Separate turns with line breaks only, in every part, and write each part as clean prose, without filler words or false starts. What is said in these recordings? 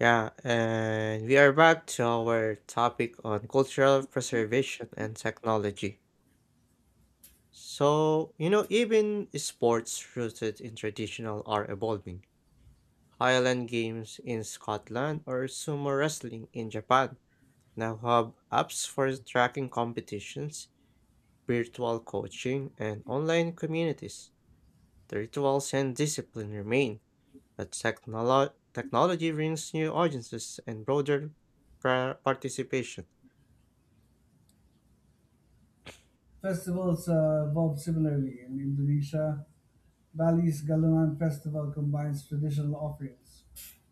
Yeah, and we are back to our topic on cultural preservation and technology. So, you know, even sports rooted in traditional are evolving. Highland games in Scotland or sumo wrestling in Japan now have apps for tracking competitions, virtual coaching, and online communities. The rituals and discipline remain. Technology brings new audiences and broader participation.
Festivals evolved similarly in Indonesia. Bali's Galunan Festival combines traditional offerings,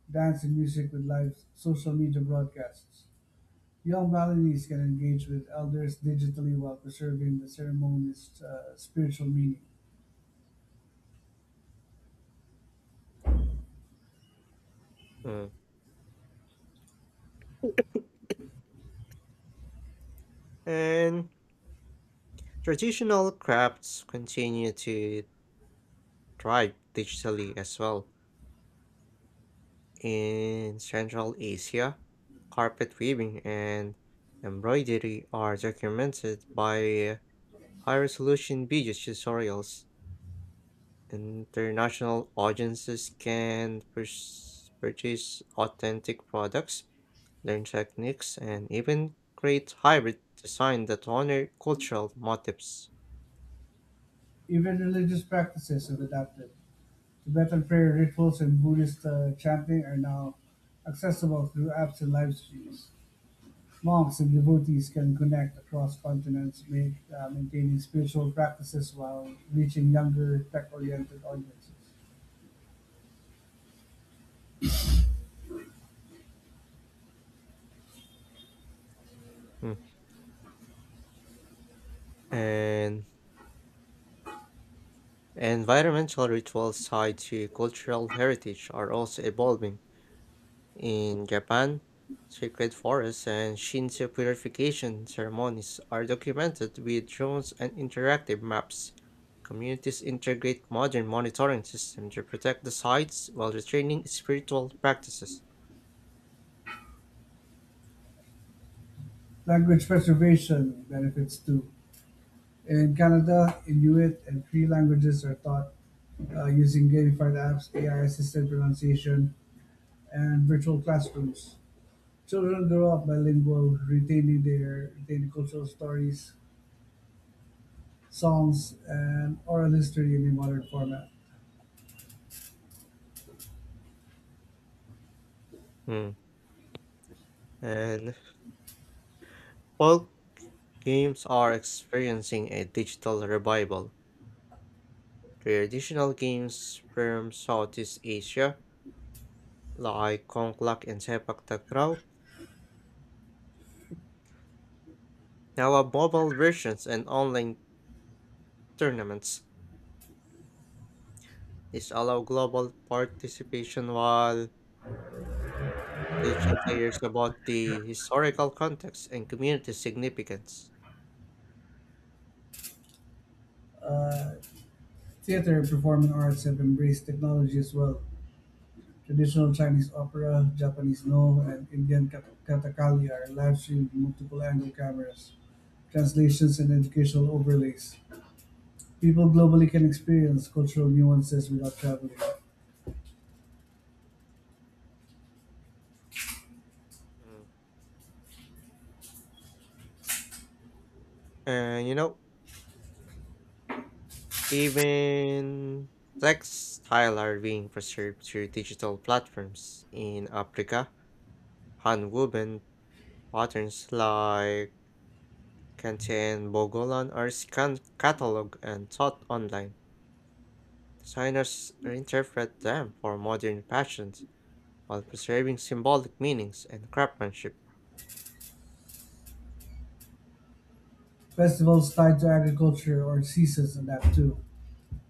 dance and music with live social media broadcasts. Young Balinese can engage with elders digitally while preserving the ceremony's spiritual meaning.
Mm. And traditional crafts continue to thrive digitally as well. In Central Asia, carpet weaving and embroidery are documented by high resolution video tutorials. International audiences can purchase authentic products, learn techniques, and even create hybrid design that honor cultural motifs.
Even religious practices have adapted. Tibetan prayer rituals and Buddhist chanting are now accessible through apps and live streams. Monks and devotees can connect across continents, maintaining spiritual practices while reaching younger, tech-oriented audiences.
Hmm. And environmental rituals tied to cultural heritage are also evolving. In Japan, sacred forests and Shinto purification ceremonies are documented with drones and interactive maps. Communities integrate modern monitoring systems to protect the sites while retaining spiritual practices.
Language preservation benefits too. In Canada, Inuit and Cree languages are taught using gamified apps, AI-assisted pronunciation, and virtual classrooms. Children grow up bilingual, retaining cultural stories, songs, and oral history in a modern format.
Hmm. And folk games are experiencing a digital revival. Traditional games from Southeast Asia, like Kongklak and Sepak Takraw, now have mobile versions and online tournaments. This allow global participation while teaching players about the historical context and community significance.
Uh, Theatre and performing arts have embraced technology as well. Traditional Chinese opera, Japanese no, and Indian katakali are live-streamed with multiple-angle cameras, translations, and educational overlays. People globally can experience cultural nuances without traveling.
Mm. And you know, even textile are being preserved through digital platforms. In Africa, hand-woven patterns like Kente and Bogolan are scanned, cataloged, and taught online. Designers reinterpret them for modern fashions while preserving symbolic meanings and craftsmanship.
Festivals tied to agriculture or seasons adapt too.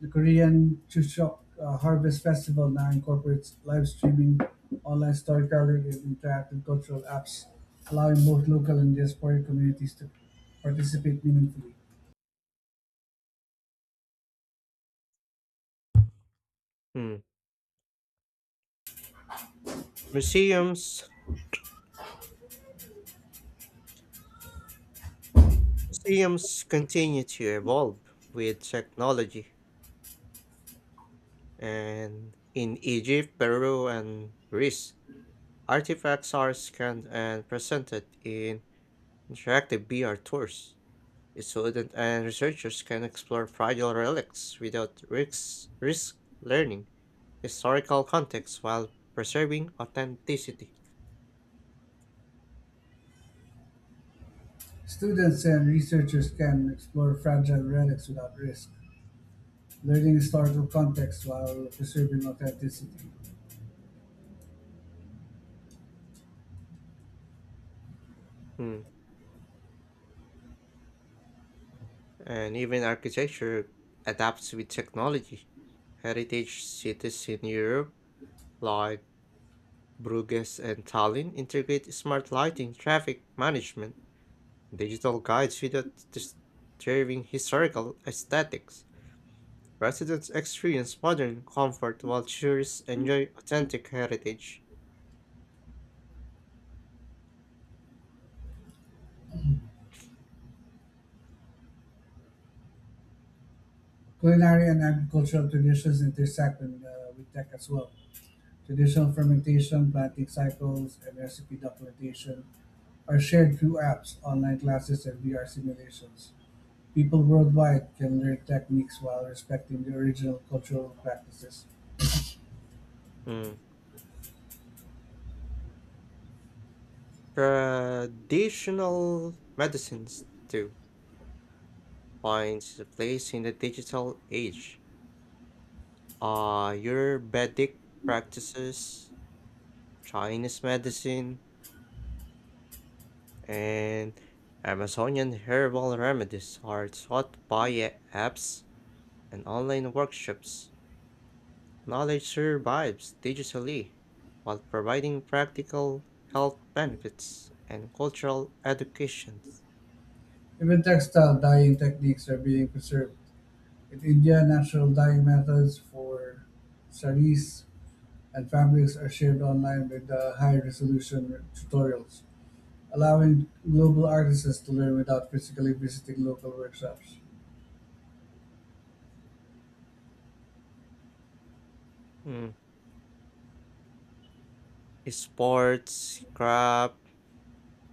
The Korean Chuseok Harvest Festival now incorporates live streaming, online storytelling, and interactive cultural apps, allowing both local and diasporic communities to participate meaningfully.
Hmm. Museums museums continue to evolve with technology, and in Egypt, Peru, and Greece, artifacts are scanned and presented in interactive VR tours. Students and researchers can explore fragile relics without risks, risk learning historical context while preserving authenticity.
Students and researchers can explore fragile relics without risk, learning historical context while preserving authenticity.
Hmm. And even architecture adapts with technology. Heritage cities in Europe, like Bruges and Tallinn, integrate smart lighting, traffic management, and digital guides without disturbing historical aesthetics. Residents experience modern comfort while tourists enjoy authentic heritage.
Culinary and agricultural traditions intersect with tech as well. Traditional fermentation, planting cycles, and recipe documentation are shared through apps, online classes, and VR simulations. People worldwide can learn techniques while respecting the original cultural practices.
Mm. Traditional medicines, too, finds a place in the digital age. Ayurvedic practices, Chinese medicine, and Amazonian herbal remedies are taught via apps and online workshops. Knowledge survives digitally while providing practical health benefits and cultural education.
Even textile dyeing techniques are being preserved. In India, natural dyeing methods for saris and fabrics are shared online with high resolution tutorials, allowing global artisans to learn without physically visiting local workshops.
Mm. Sports, craft,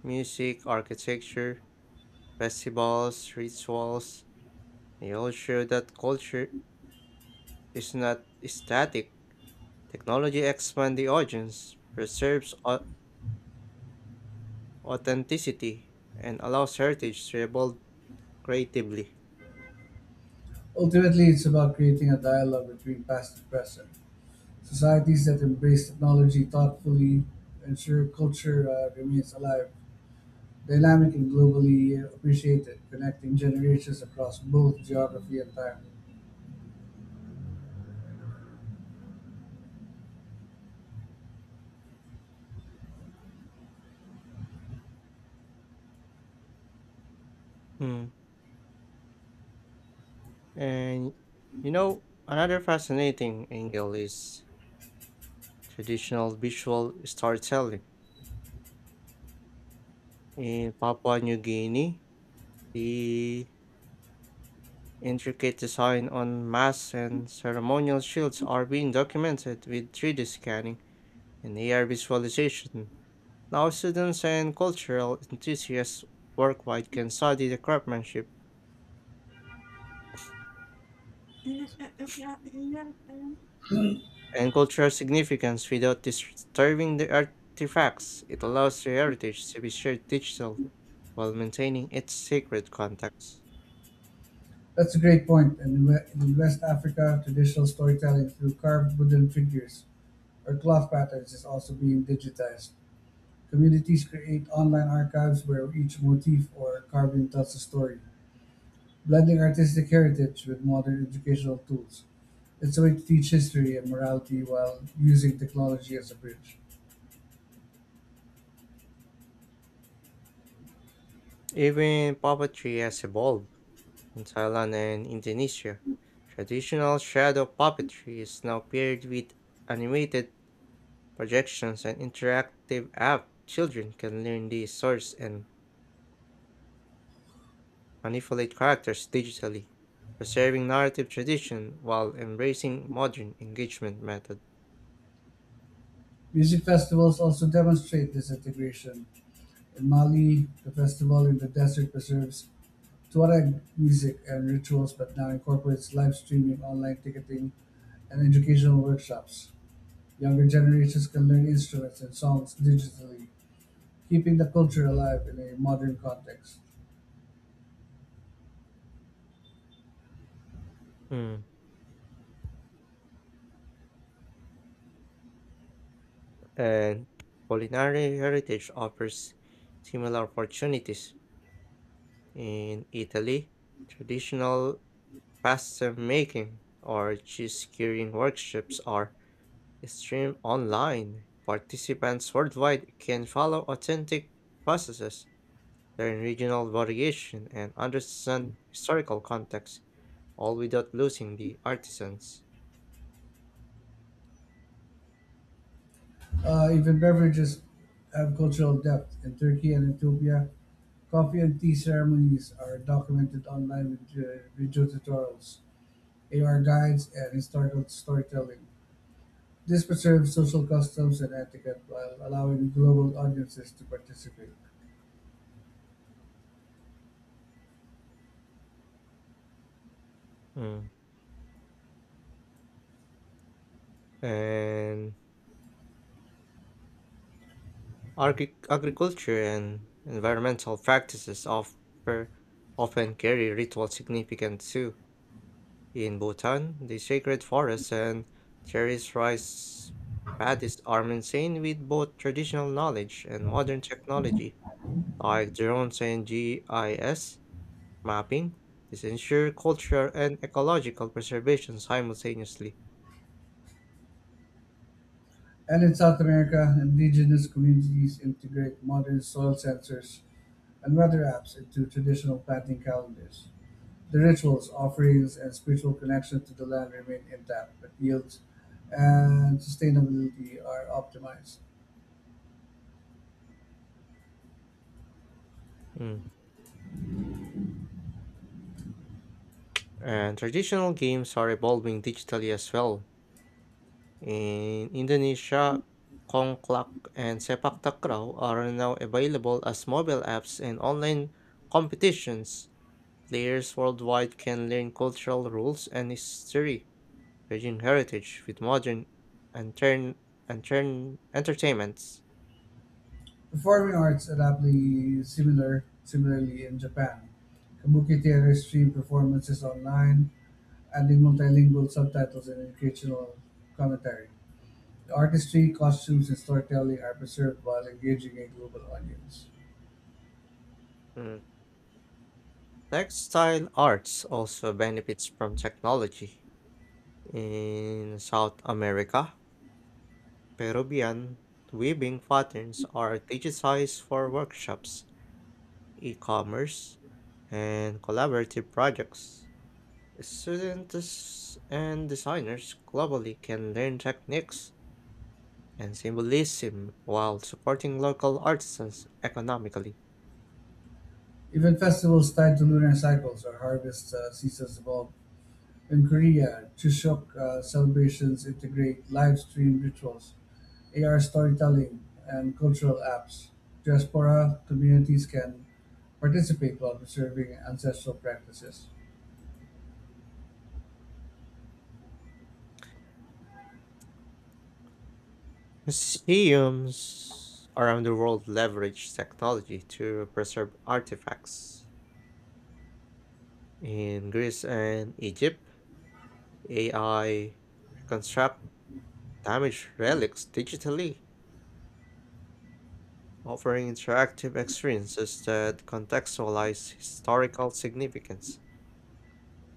music, architecture, festivals, rituals, they all show that culture is not static. Technology expands the audience, preserves authenticity, and allows heritage to evolve creatively.
Ultimately, it's about creating a dialogue between past and present. Societies that embrace technology thoughtfully ensure culture remains alive, dynamic, and globally appreciated, connecting generations across both geography and time.
Hmm. And you know, another fascinating angle is traditional visual storytelling. In Papua New Guinea, the intricate design on mass and ceremonial shields are being documented with 3D scanning and AR visualization. Now, students and cultural enthusiasts worldwide can study the craftsmanship and cultural significance without disturbing the artifacts. It allows the heritage to be shared digital while maintaining its sacred context.
That's a great point. And in West Africa, traditional storytelling through carved wooden figures or cloth patterns is also being digitized. Communities create online archives where each motif or carving tells a story, blending artistic heritage with modern educational tools. It's a way to teach history and morality while using technology as a bridge.
Even puppetry has evolved in Thailand and Indonesia. Traditional shadow puppetry is now paired with animated projections and interactive app. Children can learn the source and manipulate characters digitally, preserving narrative tradition while embracing modern engagement method.
Music festivals also demonstrate this integration. In Mali, the festival in the desert preserves Tuareg music and rituals but now incorporates live streaming, online ticketing, and educational workshops. Younger generations can learn instruments and songs digitally, keeping the culture alive in a modern context.
Mm. And culinary heritage offers similar opportunities. In Italy, traditional pasta making or cheese curing workshops are streamed online. Participants worldwide can follow authentic processes, learn regional variation, and understand historical context, all without losing the artisans.
Even beverages have cultural depth. In Turkey and Ethiopia, coffee and tea ceremonies are documented online with video tutorials, AR guides, and historical storytelling. This preserves social customs and etiquette while allowing global audiences to participate.
Mm. And agriculture and environmental often carry ritual significance too. In Bhutan, the sacred forests and terraced rice paddies are maintained with both traditional knowledge and modern technology, like drones and GIS mapping. This ensure cultural and ecological preservation simultaneously.
And in South America, indigenous communities integrate modern soil sensors and weather apps into traditional planting calendars. The rituals, offerings, and spiritual connection to the land remain intact, but yields and sustainability are optimized.
Mm. And traditional games are evolving digitally as well. In Indonesia, Kongklak and Sepak Takraw are now available as mobile apps and online competitions. Players worldwide can learn cultural rules and history, bridging heritage with modern and turn and turn entertainments.
Performing arts adaptly similarly in Japan, kabuki theater stream performances online, adding multilingual subtitles and educational commentary. The artistry, costumes, and storytelling are preserved while engaging a global audience.
Mm. Textile arts also benefits from technology. In South America, Peruvian weaving patterns are digitized for workshops, e-commerce, and collaborative projects. Students and designers globally can learn techniques and symbolism while supporting local artisans economically.
Even festivals tied to lunar cycles or harvest seasons evolve. In Korea, Chuseok celebrations integrate live stream rituals, AR storytelling, and cultural apps. Diaspora communities can participate while preserving ancestral practices.
Museums around the world leverage technology to preserve artifacts. In Greece and Egypt, AI reconstruct damage relics digitally, offering interactive experiences that contextualize historical significance.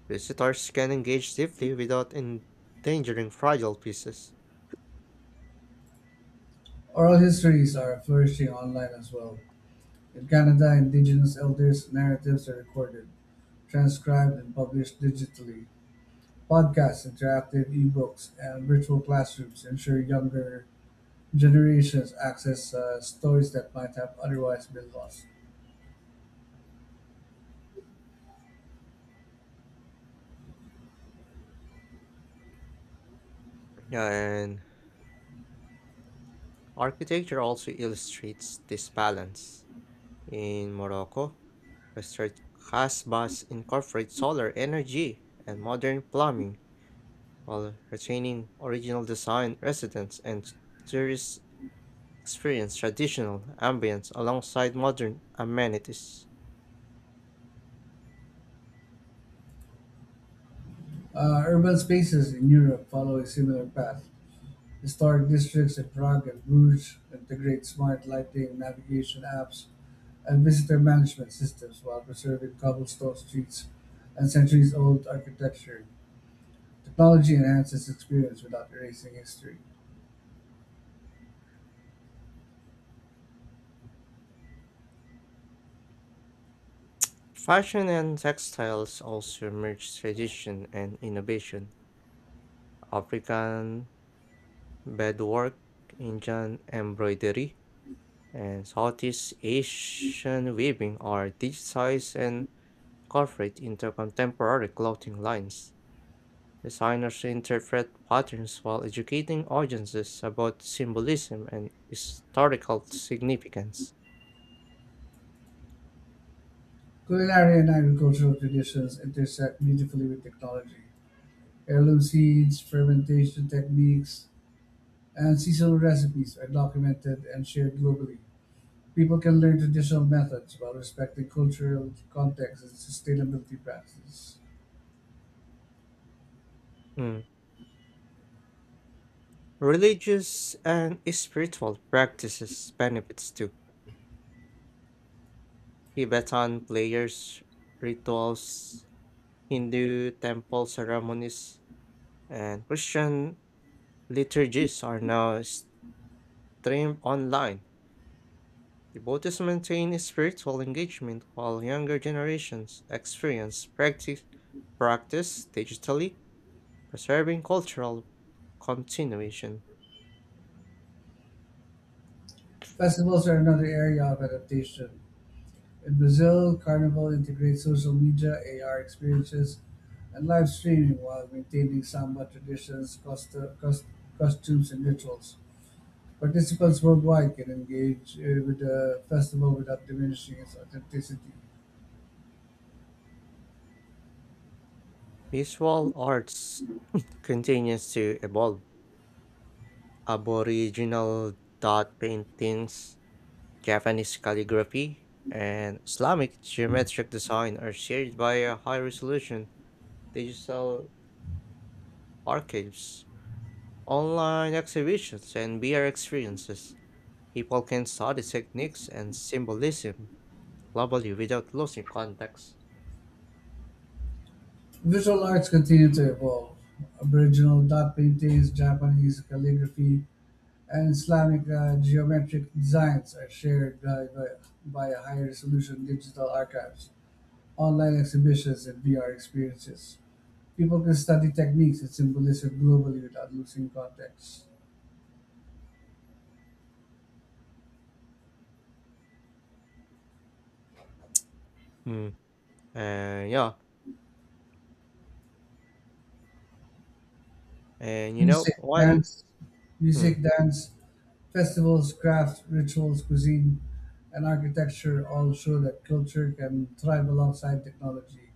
Visitors can engage deeply without endangering fragile pieces.
Oral histories are flourishing online as well. In Canada, Indigenous elders' narratives are recorded, transcribed, and published digitally. Podcasts, interactive ebooks, and virtual classrooms ensure younger generations access stories that might have otherwise been lost.
Yeah, and architecture also illustrates this balance. In Morocco, restored kasbahs incorporate solar energy and modern plumbing while retaining original design, residence, and tourist experience traditional ambience alongside modern amenities.
Urban spaces in Europe follow a similar path. Historic districts in Prague and Bruges integrate smart lighting, navigation apps, and visitor management systems while preserving cobblestone streets and centuries-old architecture. Technology enhances experience without erasing history.
Fashion and textiles also merge tradition and innovation. African bedwork, Indian embroidery, and Southeast Asian weaving are digitized and incorporated into contemporary clothing lines. Designers interpret patterns while educating audiences about symbolism and historical significance.
Culinary and agricultural traditions intersect beautifully with technology. Heirloom seeds, fermentation techniques, and seasonal recipes are documented and shared globally. People can learn traditional methods while respecting cultural context and sustainability practices.
Mm. Religious and spiritual practices benefits too. Tibetan prayers, rituals, Hindu temple ceremonies, and Christian liturgies are now streamed online. Devotees maintain spiritual engagement while younger generations practice digitally, preserving cultural continuation.
Festivals are another area of adaptation. In Brazil, Carnival integrates social media, AR experiences, and live streaming while maintaining samba traditions, costumes, and rituals. Participants worldwide can engage with the festival without diminishing its authenticity.
Visual arts continues to evolve. Aboriginal dot paintings, Japanese calligraphy, and Islamic geometric design are shared via high resolution digital archives, online exhibitions, and VR experiences. People can study techniques and symbolism globally without losing context.
Visual arts continue to evolve. Aboriginal dot paintings, Japanese calligraphy, and Islamic geometric designs are shared by high resolution digital archives, online exhibitions, and VR experiences. People can study techniques as symbolism globally without losing context.
Mm. And yeah, and you know,
Music,
one
dance, music,
mm,
dance, festivals, crafts, rituals, cuisine, and architecture all show that culture can thrive alongside technology.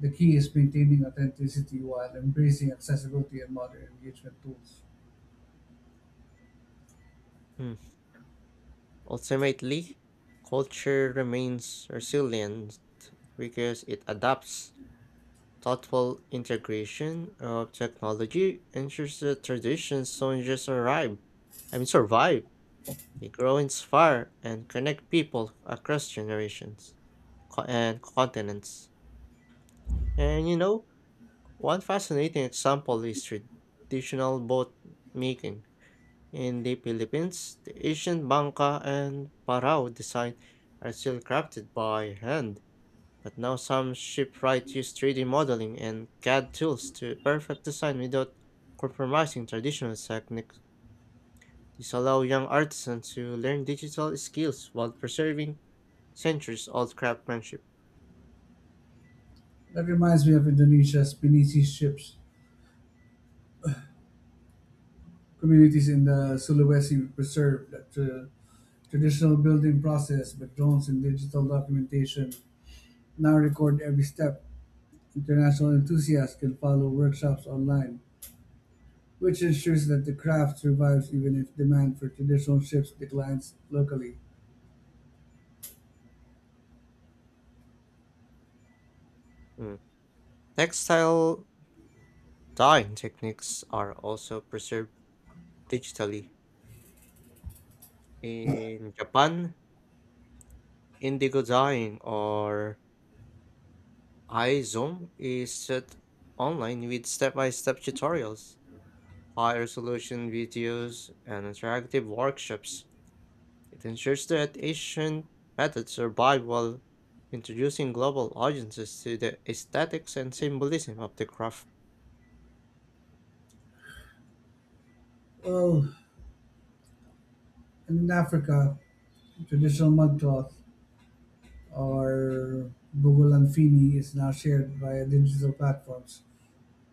The key is maintaining authenticity while embracing accessibility and modern engagement tools.
mm, ultimately, culture remains resilient because it adapts. Thoughtful integration of technology ensures that traditions don't just arrive, I mean survive. They grow, inspire, and connect people across generations and continents. And you know, one fascinating example is traditional boat making. In the Philippines, the ancient bangka and parao design are still crafted by hand. But now some shipwright use 3D modeling and CAD tools to perfect design without compromising traditional techniques. This allows young artisans to learn digital skills while preserving centuries-old craftsmanship.
That reminds me of Indonesia's Pinisi ships. Communities in the Sulawesi preserve that traditional building process with drones and digital documentation now record every step. International enthusiasts can follow workshops online, which ensures that the craft survives even if demand for traditional ships declines locally.
Mm. Textile dyeing techniques are also preserved digitally. In Japan, indigo dyeing or aizoom is set online with step-by-step tutorials, high resolution videos, and interactive workshops. It ensures that ancient methods survive while introducing global audiences to the aesthetics and symbolism of the craft.
Well, and in Africa, traditional mudcloth or Bugulanfini is now shared via digital platforms.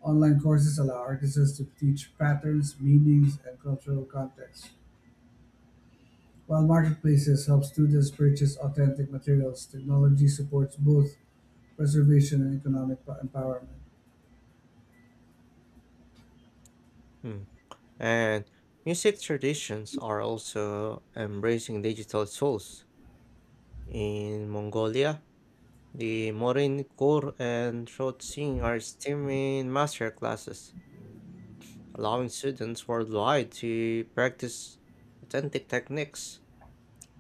Online courses allow artisans to teach patterns, meanings, and cultural contexts. While marketplaces help students purchase authentic materials, technology supports both preservation and economic empowerment.
Hmm. And music traditions are also embracing digital tools. In Mongolia, the Morin Kor and Shot Sing are streaming master classes, allowing students worldwide to practice authentic techniques.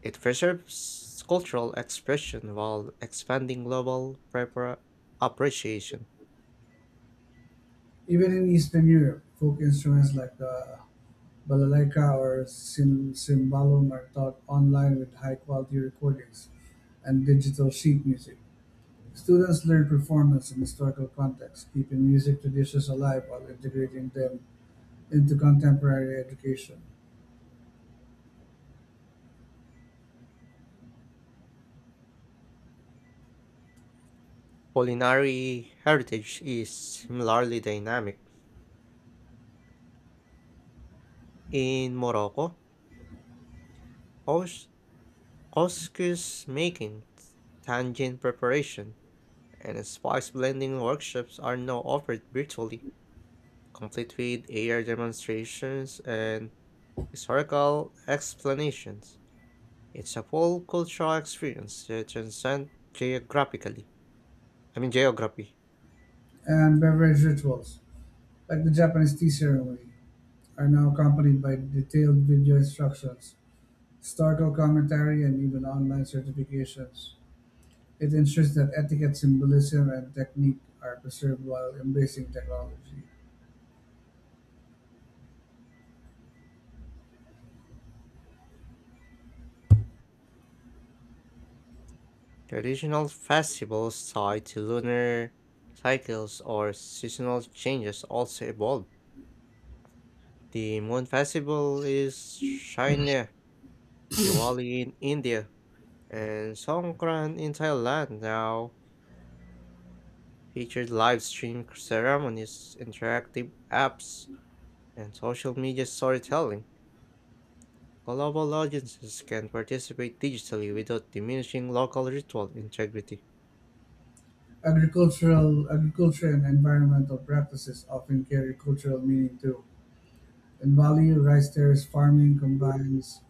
It preserves cultural expression while expanding global appreciation.
Even in Eastern Europe, folk instruments like the balalaika or cymbalum are taught online with high quality recordings and digital sheet music. Students learn performance and historical context, keeping music traditions alive while integrating them into contemporary education.
Culinary heritage is similarly dynamic. In Morocco, cous- couscous making, tangine preparation, and spice blending workshops are now offered virtually, complete with air demonstrations and historical explanations. It's a full cultural experience that transcends geographically. I mean geography.
And beverage rituals, like the Japanese tea ceremony, are now accompanied by detailed video instructions, historical commentary and even online certifications. It ensures that etiquette, symbolism, and technique are preserved while embracing technology.
Traditional festivals tied to lunar cycles or seasonal changes also evolved. The Moon Festival is China, Diwali in India, and Songkran in Thailand now featured live stream ceremonies, interactive apps, and social media storytelling. Global audiences can participate digitally without diminishing local ritual integrity.
Agriculture and environmental practices often carry cultural meaning too. In Bali, rice terrace farming combines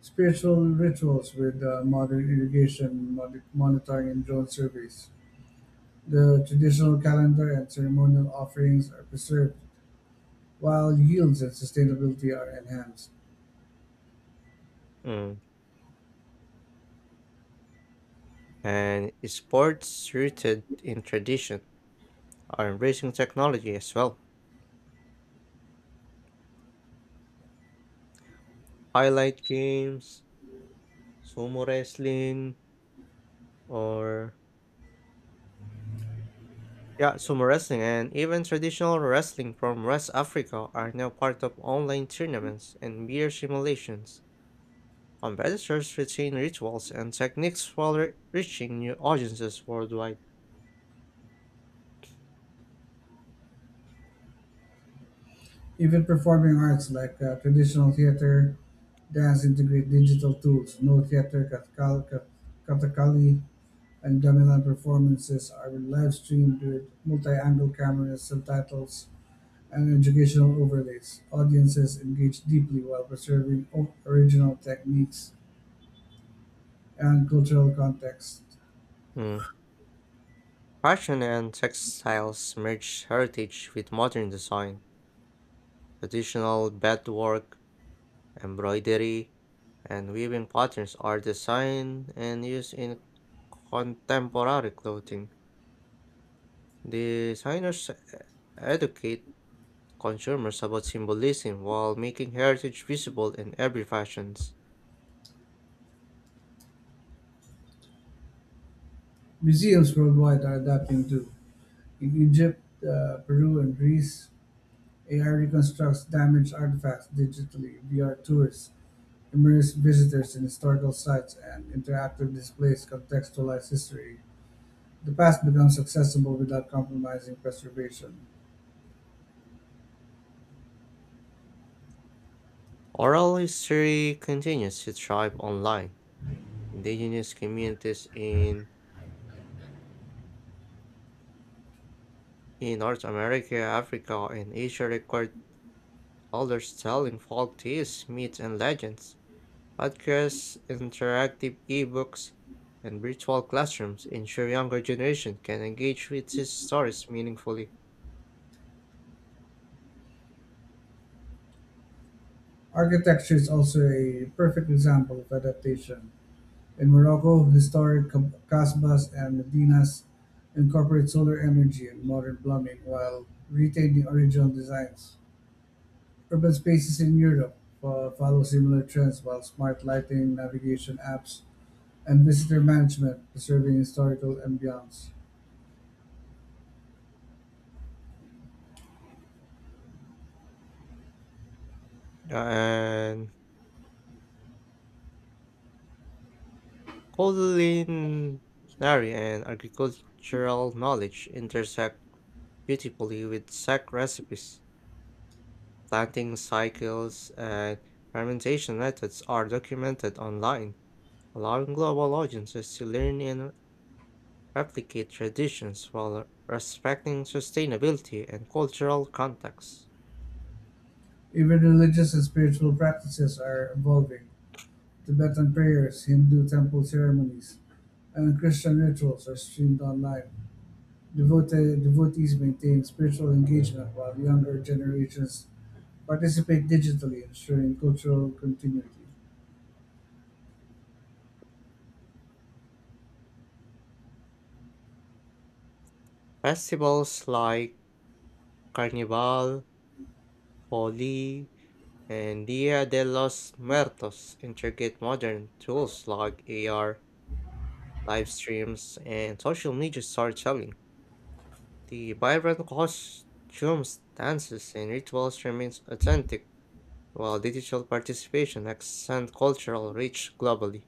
spiritual rituals with modern irrigation monitoring and drone surveys. The traditional calendar and ceremonial offerings are preserved, while yields and sustainability are enhanced.
Mm. And sports rooted in tradition are embracing technology as well. Highlight games, sumo wrestling, or yeah, sumo wrestling, and even traditional wrestling from West Africa are now part of online tournaments and beer simulations. Competitors retain rituals and techniques while reaching new audiences worldwide.
Even performing arts like traditional theater, dance integrate digital tools. No theater, katakali, and gamelan performances are live streamed with multi-angle cameras, subtitles, and educational overlays. Audiences engage deeply while preserving original techniques and cultural context.
Mm. Fashion and textiles merge heritage with modern design. Traditional bedwork, embroidery, and weaving patterns are designed and used in contemporary clothing. Designers educate consumers about symbolism while making heritage visible in every fashions.
Museums worldwide are adapting too. In Egypt, Peru, and Greece, AI reconstructs damaged artifacts digitally, VR tours immerse visitors in historical sites and interactive displays contextualize history. The past becomes accessible without compromising preservation.
Oral history continues to thrive online. Indigenous communities in North America, Africa, and Asia record elders telling folk tales, myths, and legends. Podcasts, interactive ebooks, and virtual classrooms ensure younger generation can engage with these stories meaningfully.
Architecture is also a perfect example of adaptation. In Morocco, historic kasbahs and medinas incorporate solar energy and modern plumbing while retaining original designs. Urban spaces in Europe follow similar trends while smart lighting, navigation apps, and visitor management preserving historical ambiance.
And culinary and agricultural knowledge intersect beautifully with sack recipes. Planting cycles and fermentation methods are documented online, allowing global audiences to learn and replicate traditions while respecting sustainability and cultural context.
Even religious and spiritual practices are evolving. Tibetan prayers, Hindu temple ceremonies, and Christian rituals are streamed online. Devotees maintain spiritual engagement while younger generations participate digitally, ensuring cultural continuity.
Festivals like Carnival, Holi, and Dia de los Muertos integrate modern tools like AR, live streams, and social media storytelling. The vibrant costumes, dances, and rituals remains authentic, while digital participation extends cultural reach globally.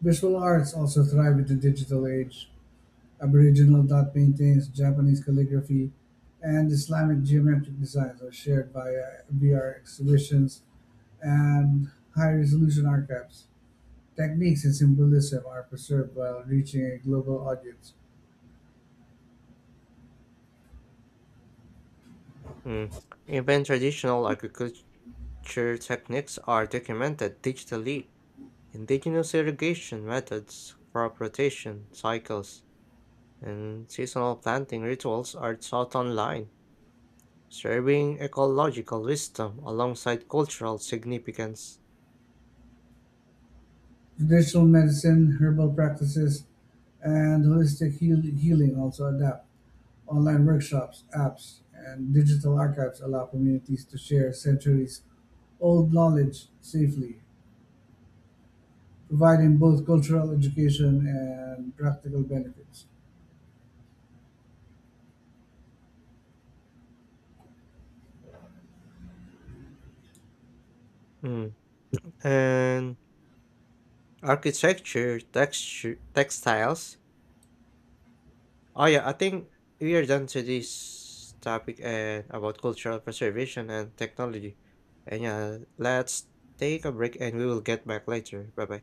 Visual arts also thrive in the digital age. Aboriginal dot paintings, Japanese calligraphy, and Islamic geometric designs are shared via VR exhibitions and high resolution archives. Techniques and symbolism are preserved while reaching a global audience.
Mm. Even traditional agriculture techniques are documented digitally. Indigenous irrigation methods, crop rotation cycles, and seasonal planting rituals are taught online, preserving ecological wisdom alongside cultural significance.
Traditional medicine, herbal practices, and holistic healing also adapt. Online workshops, apps, and digital archives allow communities to share centuries old knowledge safely, providing both cultural education and practical benefits.
Mm. And architecture, texture, textiles. Oh yeah, I think we are done to this topic and about cultural preservation and technology. And yeah, let's take a break and we will get back later. Bye bye.